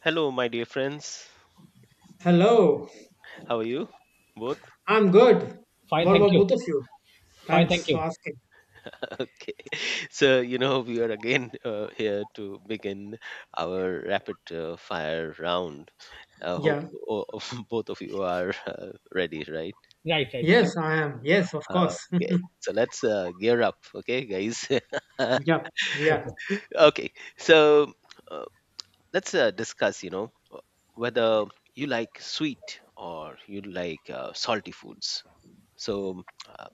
Hello, my dear friends. Hello, How are you? Both? I'm good. Fine, What thank about you. both of you? Fine, thank Thanks for you. asking. Okay. So we are again here to begin our rapid fire round. I hope Yeah. o- both of you are ready, right? Right, right. Thank Yes, you. I am. Yes, of Uh, course. okay. So let's gear up, okay, guys? yeah. Yeah. Okay. Okay. So uh, let's discuss, whether you like sweet or you like salty foods. So,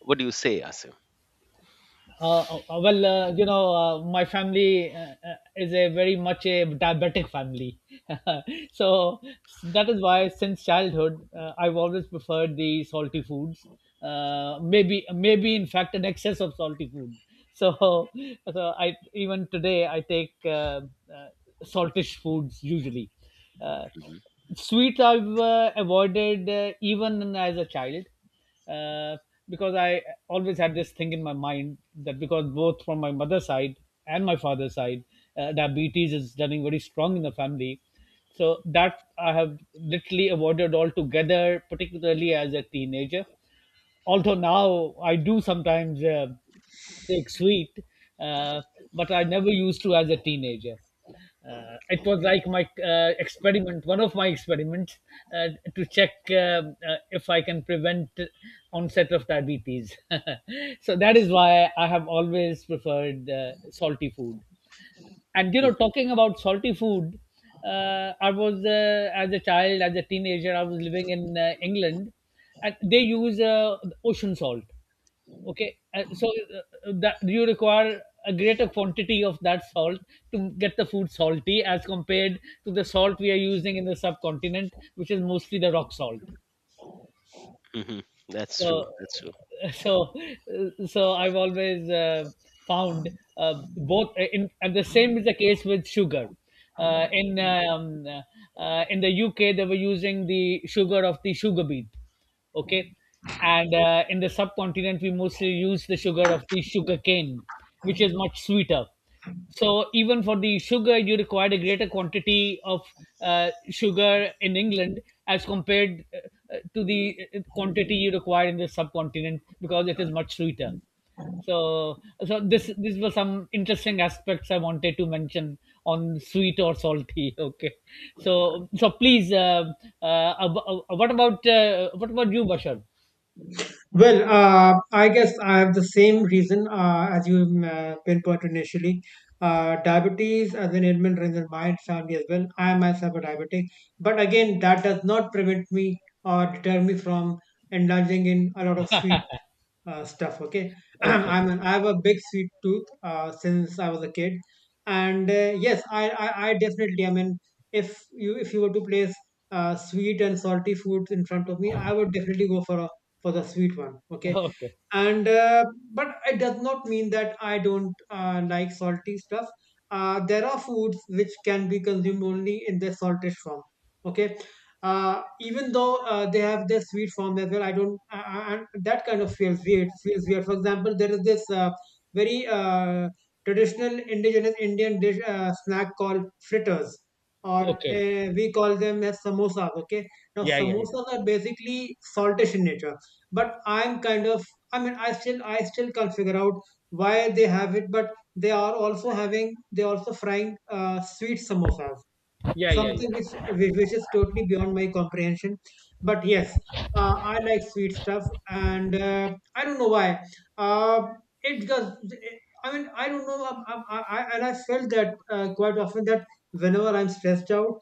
what do you say, Asim? My family is a very much a diabetic family, so that is why since childhood I've always preferred the salty foods. Maybe, maybe in fact, an excess of salty food. So, so, I even today I take uh, uh, saltish foods usually. Uh, Sweets I've avoided even as a child, uh, because I always had this thing in my mind that because both from my mother's side and my father's side, diabetes is running very strong in the family. So that I have literally avoided altogether, particularly as a teenager, although now I do sometimes take sweet, uh, but I never used to as a teenager. It was like my experiment, one of my experiments, uh, to check if I can prevent onset of diabetes. So that is why I have always preferred salty food, and you know Mhm. talking about salty food, I was, as a child, as a teenager I was living in England, and they use ocean salt. Okay, so that you require a greater quantity of that salt to get the food salty as compared to the salt we are using in the subcontinent, which is mostly the rock salt. Hmm. That's true. So, That's true. so, so I've always found both. In and the same is the case with sugar. Uh, in um, in the UK, they were using the sugar of the sugar beet. Okay, and in the subcontinent, we mostly use the sugar of the sugar cane, which is much sweeter. So even for the sugar, you required a greater quantity of sugar in England as compared to the quantity you require in the subcontinent because it is much sweeter. So, so this these were some interesting aspects I wanted to mention on sweet or salty. Okay, so please, what about, what about you, Bashar? Well, I guess I have the same reason as you pinpointed initially. Diabetes as an ailment runs in my family as well. I am myself a diabetic, but again, that does not prevent me or deter me from indulging in a lot of sweet stuff. Okay, Okay, I have a big sweet tooth since I was a kid, and yes, I definitely. I mean, if you were to place sweet and salty foods in front of me, I would definitely go for the sweet one. Okay, okay, and but it does not mean that I don't like salty stuff. There are foods which can be consumed only in their salted form. Okay, even though they have their sweet form as well I don't I- that kind of feels weird. For example, there is this very traditional indigenous Indian dish, snack called fritters, or okay. We call them as samosas. Okay, now Yeah, yeah, samosas are basically saltish in nature, but I'm kind of, I mean, I still can't figure out why they have it, but they are also having, they also frying sweet samosas, yeah, yeah, something which is totally beyond my comprehension. But yes, I like sweet stuff, and I don't know why. uh, it just, I mean, I don't know. And I felt that quite often, that whenever I'm stressed out,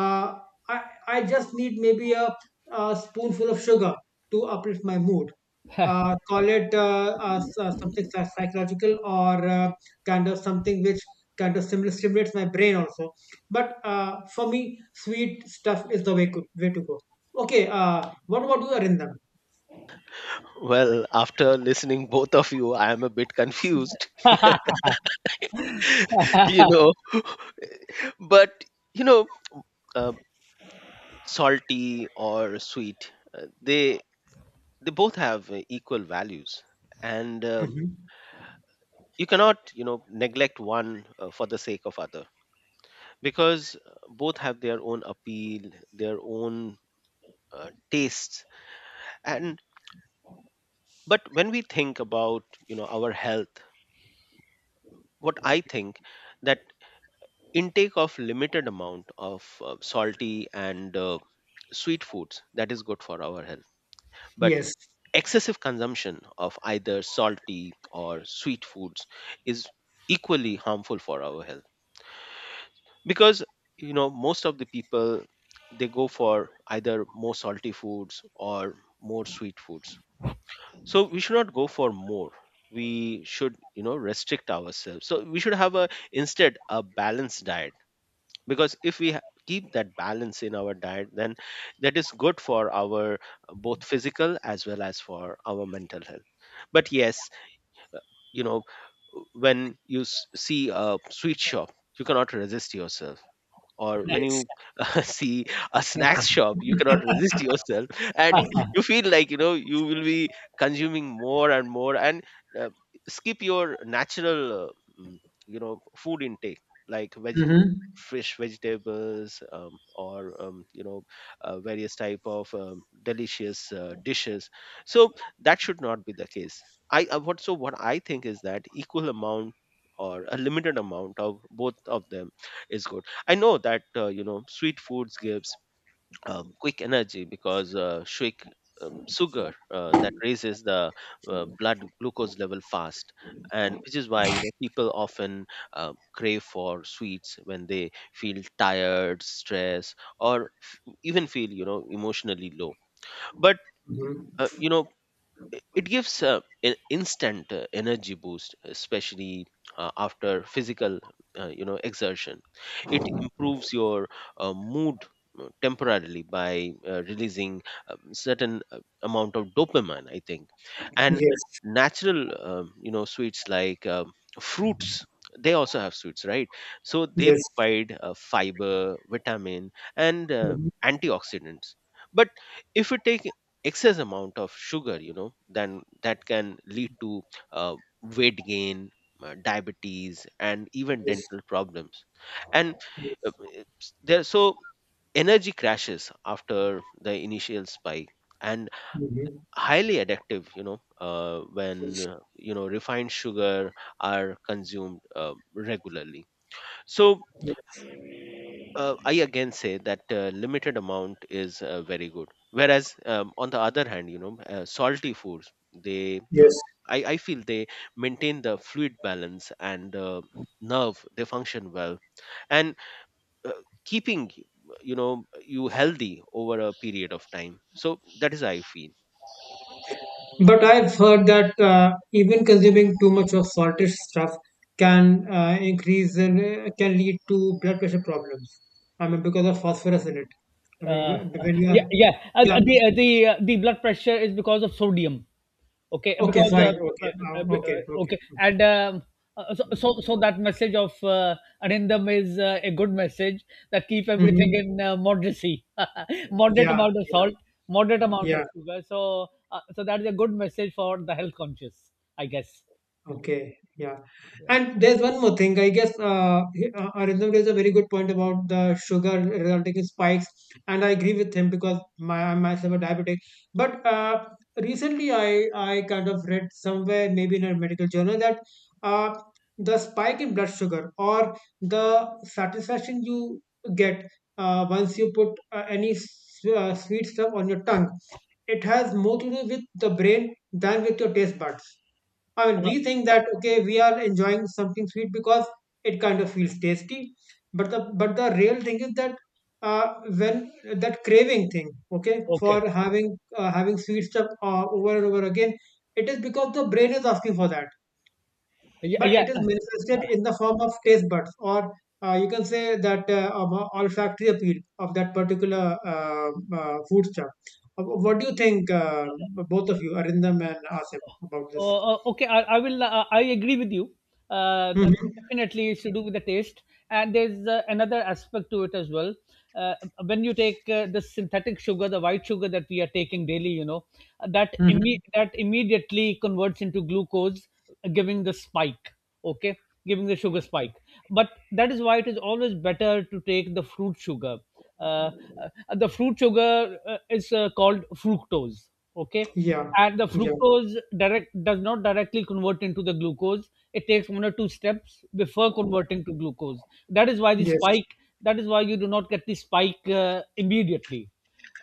uh, I, I just need maybe a spoonful of sugar to uplift my mood. yeah, Call it something psychological, or kind of something which kind of stimulates my brain also. But for me, sweet stuff is the way to go. Okay, what about you, Arindam? Well, after listening both of you, I am a bit confused. you know. But you know, uh, salty or sweet, they both have equal values, and Hmm you cannot, you know, neglect one for the sake of other, because both have their own appeal, their own tastes, and but when we think about, you know, our health, what I think that intake of limited amount of salty and sweet foods, that is good for our health, but Yes. excessive consumption of either salty or sweet foods is equally harmful for our health, because, you know, most of the people, they go for either more salty foods or more sweet foods, so we should not go for more, we should, you know, restrict ourselves, so we should have a, instead, a balanced diet, because if we keep that balance in our diet, then that is good for our both physical as well as for our mental health. But yes, you know, when you see a sweet shop, you cannot resist yourself, or when Yes. you see a snacks shop, you cannot resist yourself, yeah. and you feel like, you know, you will be consuming more and more, and uh, skip your natural you know, food intake, like veg, hmm fresh vegetables, or you know, various type of delicious dishes. So that should not be the case. I uh, what so what i think is that equal amount or a limited amount of both of them is good. I know that, you know, sweet foods gives quick energy, because shake sugar, that raises the blood glucose level fast, and which is why, you know, people often crave for sweets when they feel tired, stressed, or even feel, you know, emotionally low. But hmm you know, it gives an instant energy boost, especially after physical you know, exertion. It improves your mood temporarily by releasing certain amount of dopamine, I think. And Yes. natural, you know, sweets like fruits, they also have sweets, right? So they Yes. provide fiber, vitamin, and hmm antioxidants. But if we take excess amount of sugar, you know, then that can lead to uh, weight gain, diabetes, and even Yes. dental problems, and Yes. it's- there so energy crashes after the initial spike, and hmm highly addictive, you know, when, Yes. You know, refined sugar are consumed regularly. So Yes. I again say that limited amount is very good. Whereas, on the other hand, you know, salty foods, they uh, Yes. I, I feel they maintain the fluid balance, and nerve. They function well, and uh, keeping, you know, you healthy over a period of time. So that is how I feel. But I've heard that even consuming too much of salted stuff can can lead to blood pressure problems. I mean, because of phosphorus in it. I mean, uh, you- when you yeah are, yeah uh, yeah, the the blood pressure is because of sodium. Okay, okay, because sorry, okay, uh, okay, okay. okay. And so, that message of Anindam is a good message, that keep everything hmm in moderacy. Moderate Yeah, amount of salt, yeah, moderate amount yeah. of sugar, so that is a good message for the health conscious, I guess. Okay, yeah. Yeah. And there's one more thing. I guess Arindam raised a very good point about the sugar resulting in spikes, and I agree with him because my I myself a diabetic. But recently, I kind of read somewhere, maybe in a medical journal, that uh, the spike in blood sugar, or the satisfaction you get once you put sweet stuff on your tongue, it has more to do with the brain than with your taste buds. I mean, uh, we think that okay, we are enjoying something sweet because it kind of feels tasty, but the real thing is that when that craving thing, okay, okay. for having sweet stuff over and over again, it is because the brain is asking for that, Yeah, but yeah. it is manifested in the form of taste buds, or you can say that of a olfactory appeal of that particular food stuff. What do you think, both of you, Arindam and Asim, about this? Okay, I will. I agree with you. Uh, Hmm th- Definitely, it's to do with the taste, and there's another aspect to it as well. Uh, when you take the synthetic sugar, the white sugar that we are taking daily, you know, that immediately converts into glucose, giving the spike. Okay, giving the sugar spike. But that is why it is always better to take the fruit sugar, uh, uh, the fruit sugar is called fructose. Okay, Yeah, and the yeah, fructose direct does not directly convert into the glucose. It takes one or two steps before converting to glucose. That is why the yes, spike, that is why you do not get the spike immediately.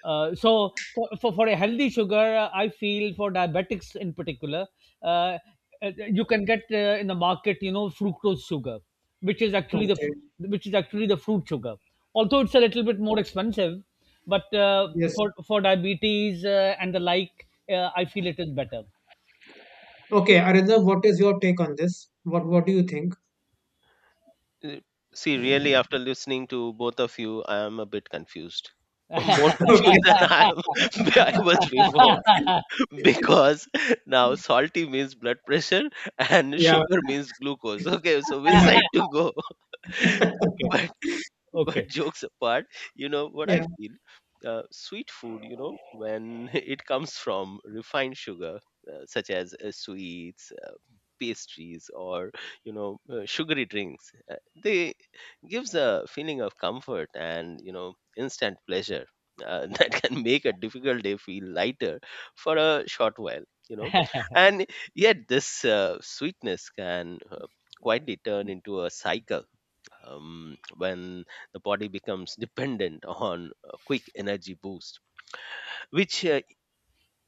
So for a healthy sugar, I feel for diabetics in particular, uh, you can get in the market, you know, fructose sugar, which is actually the okay, fr- which is actually the fruit sugar. Although it's a little bit more expensive, but yes. For diabetes and the like, I feel it is better. Okay, Arindam, what is your take on this? What do you think? Uh, See, really, after listening to both of you, I am a bit confused. More Okay. confused than I was before because now salty means blood pressure, and Yeah, sugar means glucose. Okay, so which yeah, side to go? Okay, but but okay. jokes apart, you know what I yeah. feel, sweet food, you know, when it comes from refined sugar, such as sweets, pastries, or you know, sugary drinks, they gives a feeling of comfort and, you know, instant pleasure, that can make a difficult day feel lighter for a short while, you know, and yet this sweetness can quietly turn into a cycle, when the body becomes dependent on a quick energy boost, which,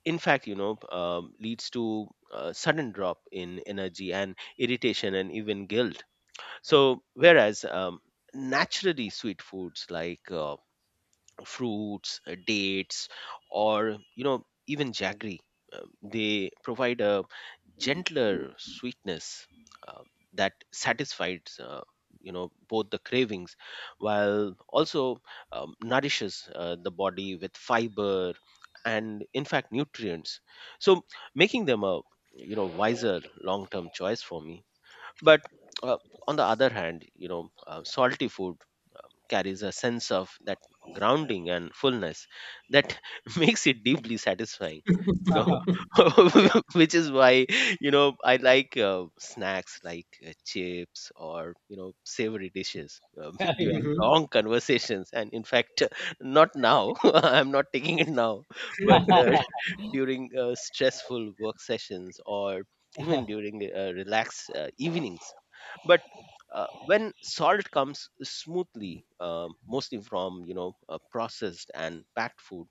in fact, you know, leads to a sudden drop in energy and irritation and even guilt. So whereas, naturally sweet foods like, fruits, dates, or you know, even jaggery. They provide a gentler sweetness uh, that satisfies, you know, both the cravings, while also nourishes the body with fiber and, in fact, nutrients, so making them a, you know, wiser long term choice for me. But uh, on the other hand, you know, salty food carries a sense of that grounding and fullness that makes it deeply satisfying. You Uh-huh. Okay. know, which is why, you know, I like snacks like chips, or you know, savory dishes, Yeah. during hmm long conversations. And in fact, not now. I'm not taking it now, but during stressful work sessions, or even during relaxed evenings. But when salt comes smoothly, mostly from, you know, processed and packed food,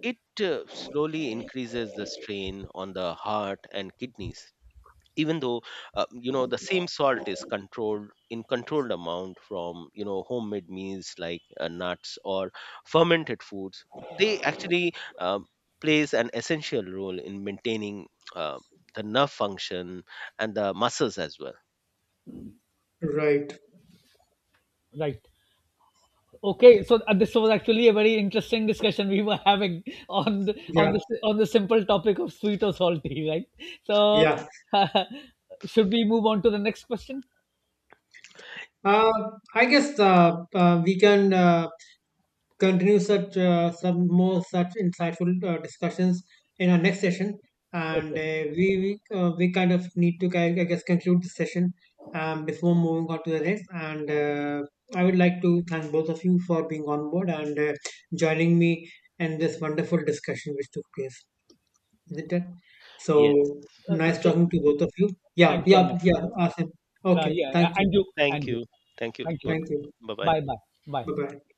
it slowly increases the strain on the heart and kidneys, even though you know, the same salt is controlled, in controlled amount from, you know, homemade meals like nuts or fermented foods, they actually plays an essential role in maintaining uh, the nerve function and the muscles as well. Right. Right. Okay, so this was actually a very interesting discussion we were having on the on Yeah, the on the simple topic of sweet or salty, right? So, yeah. should we move on to the next question? Uh, I guess we can continue such some more such insightful discussions in our next session. And Okay. We kind of need to, I guess, conclude this session before moving on to the next. And I would like to thank both of you for being on board and joining me in this wonderful discussion which took place, isn't it? So Yes. Nice So, talking to both of you. Yeah, thank you, yeah, Arnab. yeah. Awesome. Okay. Yeah, Thank you. and you, and Thank you. you. Thank you Thank you. both. Thank you. Bye bye. Bye, bye, bye. Bye bye.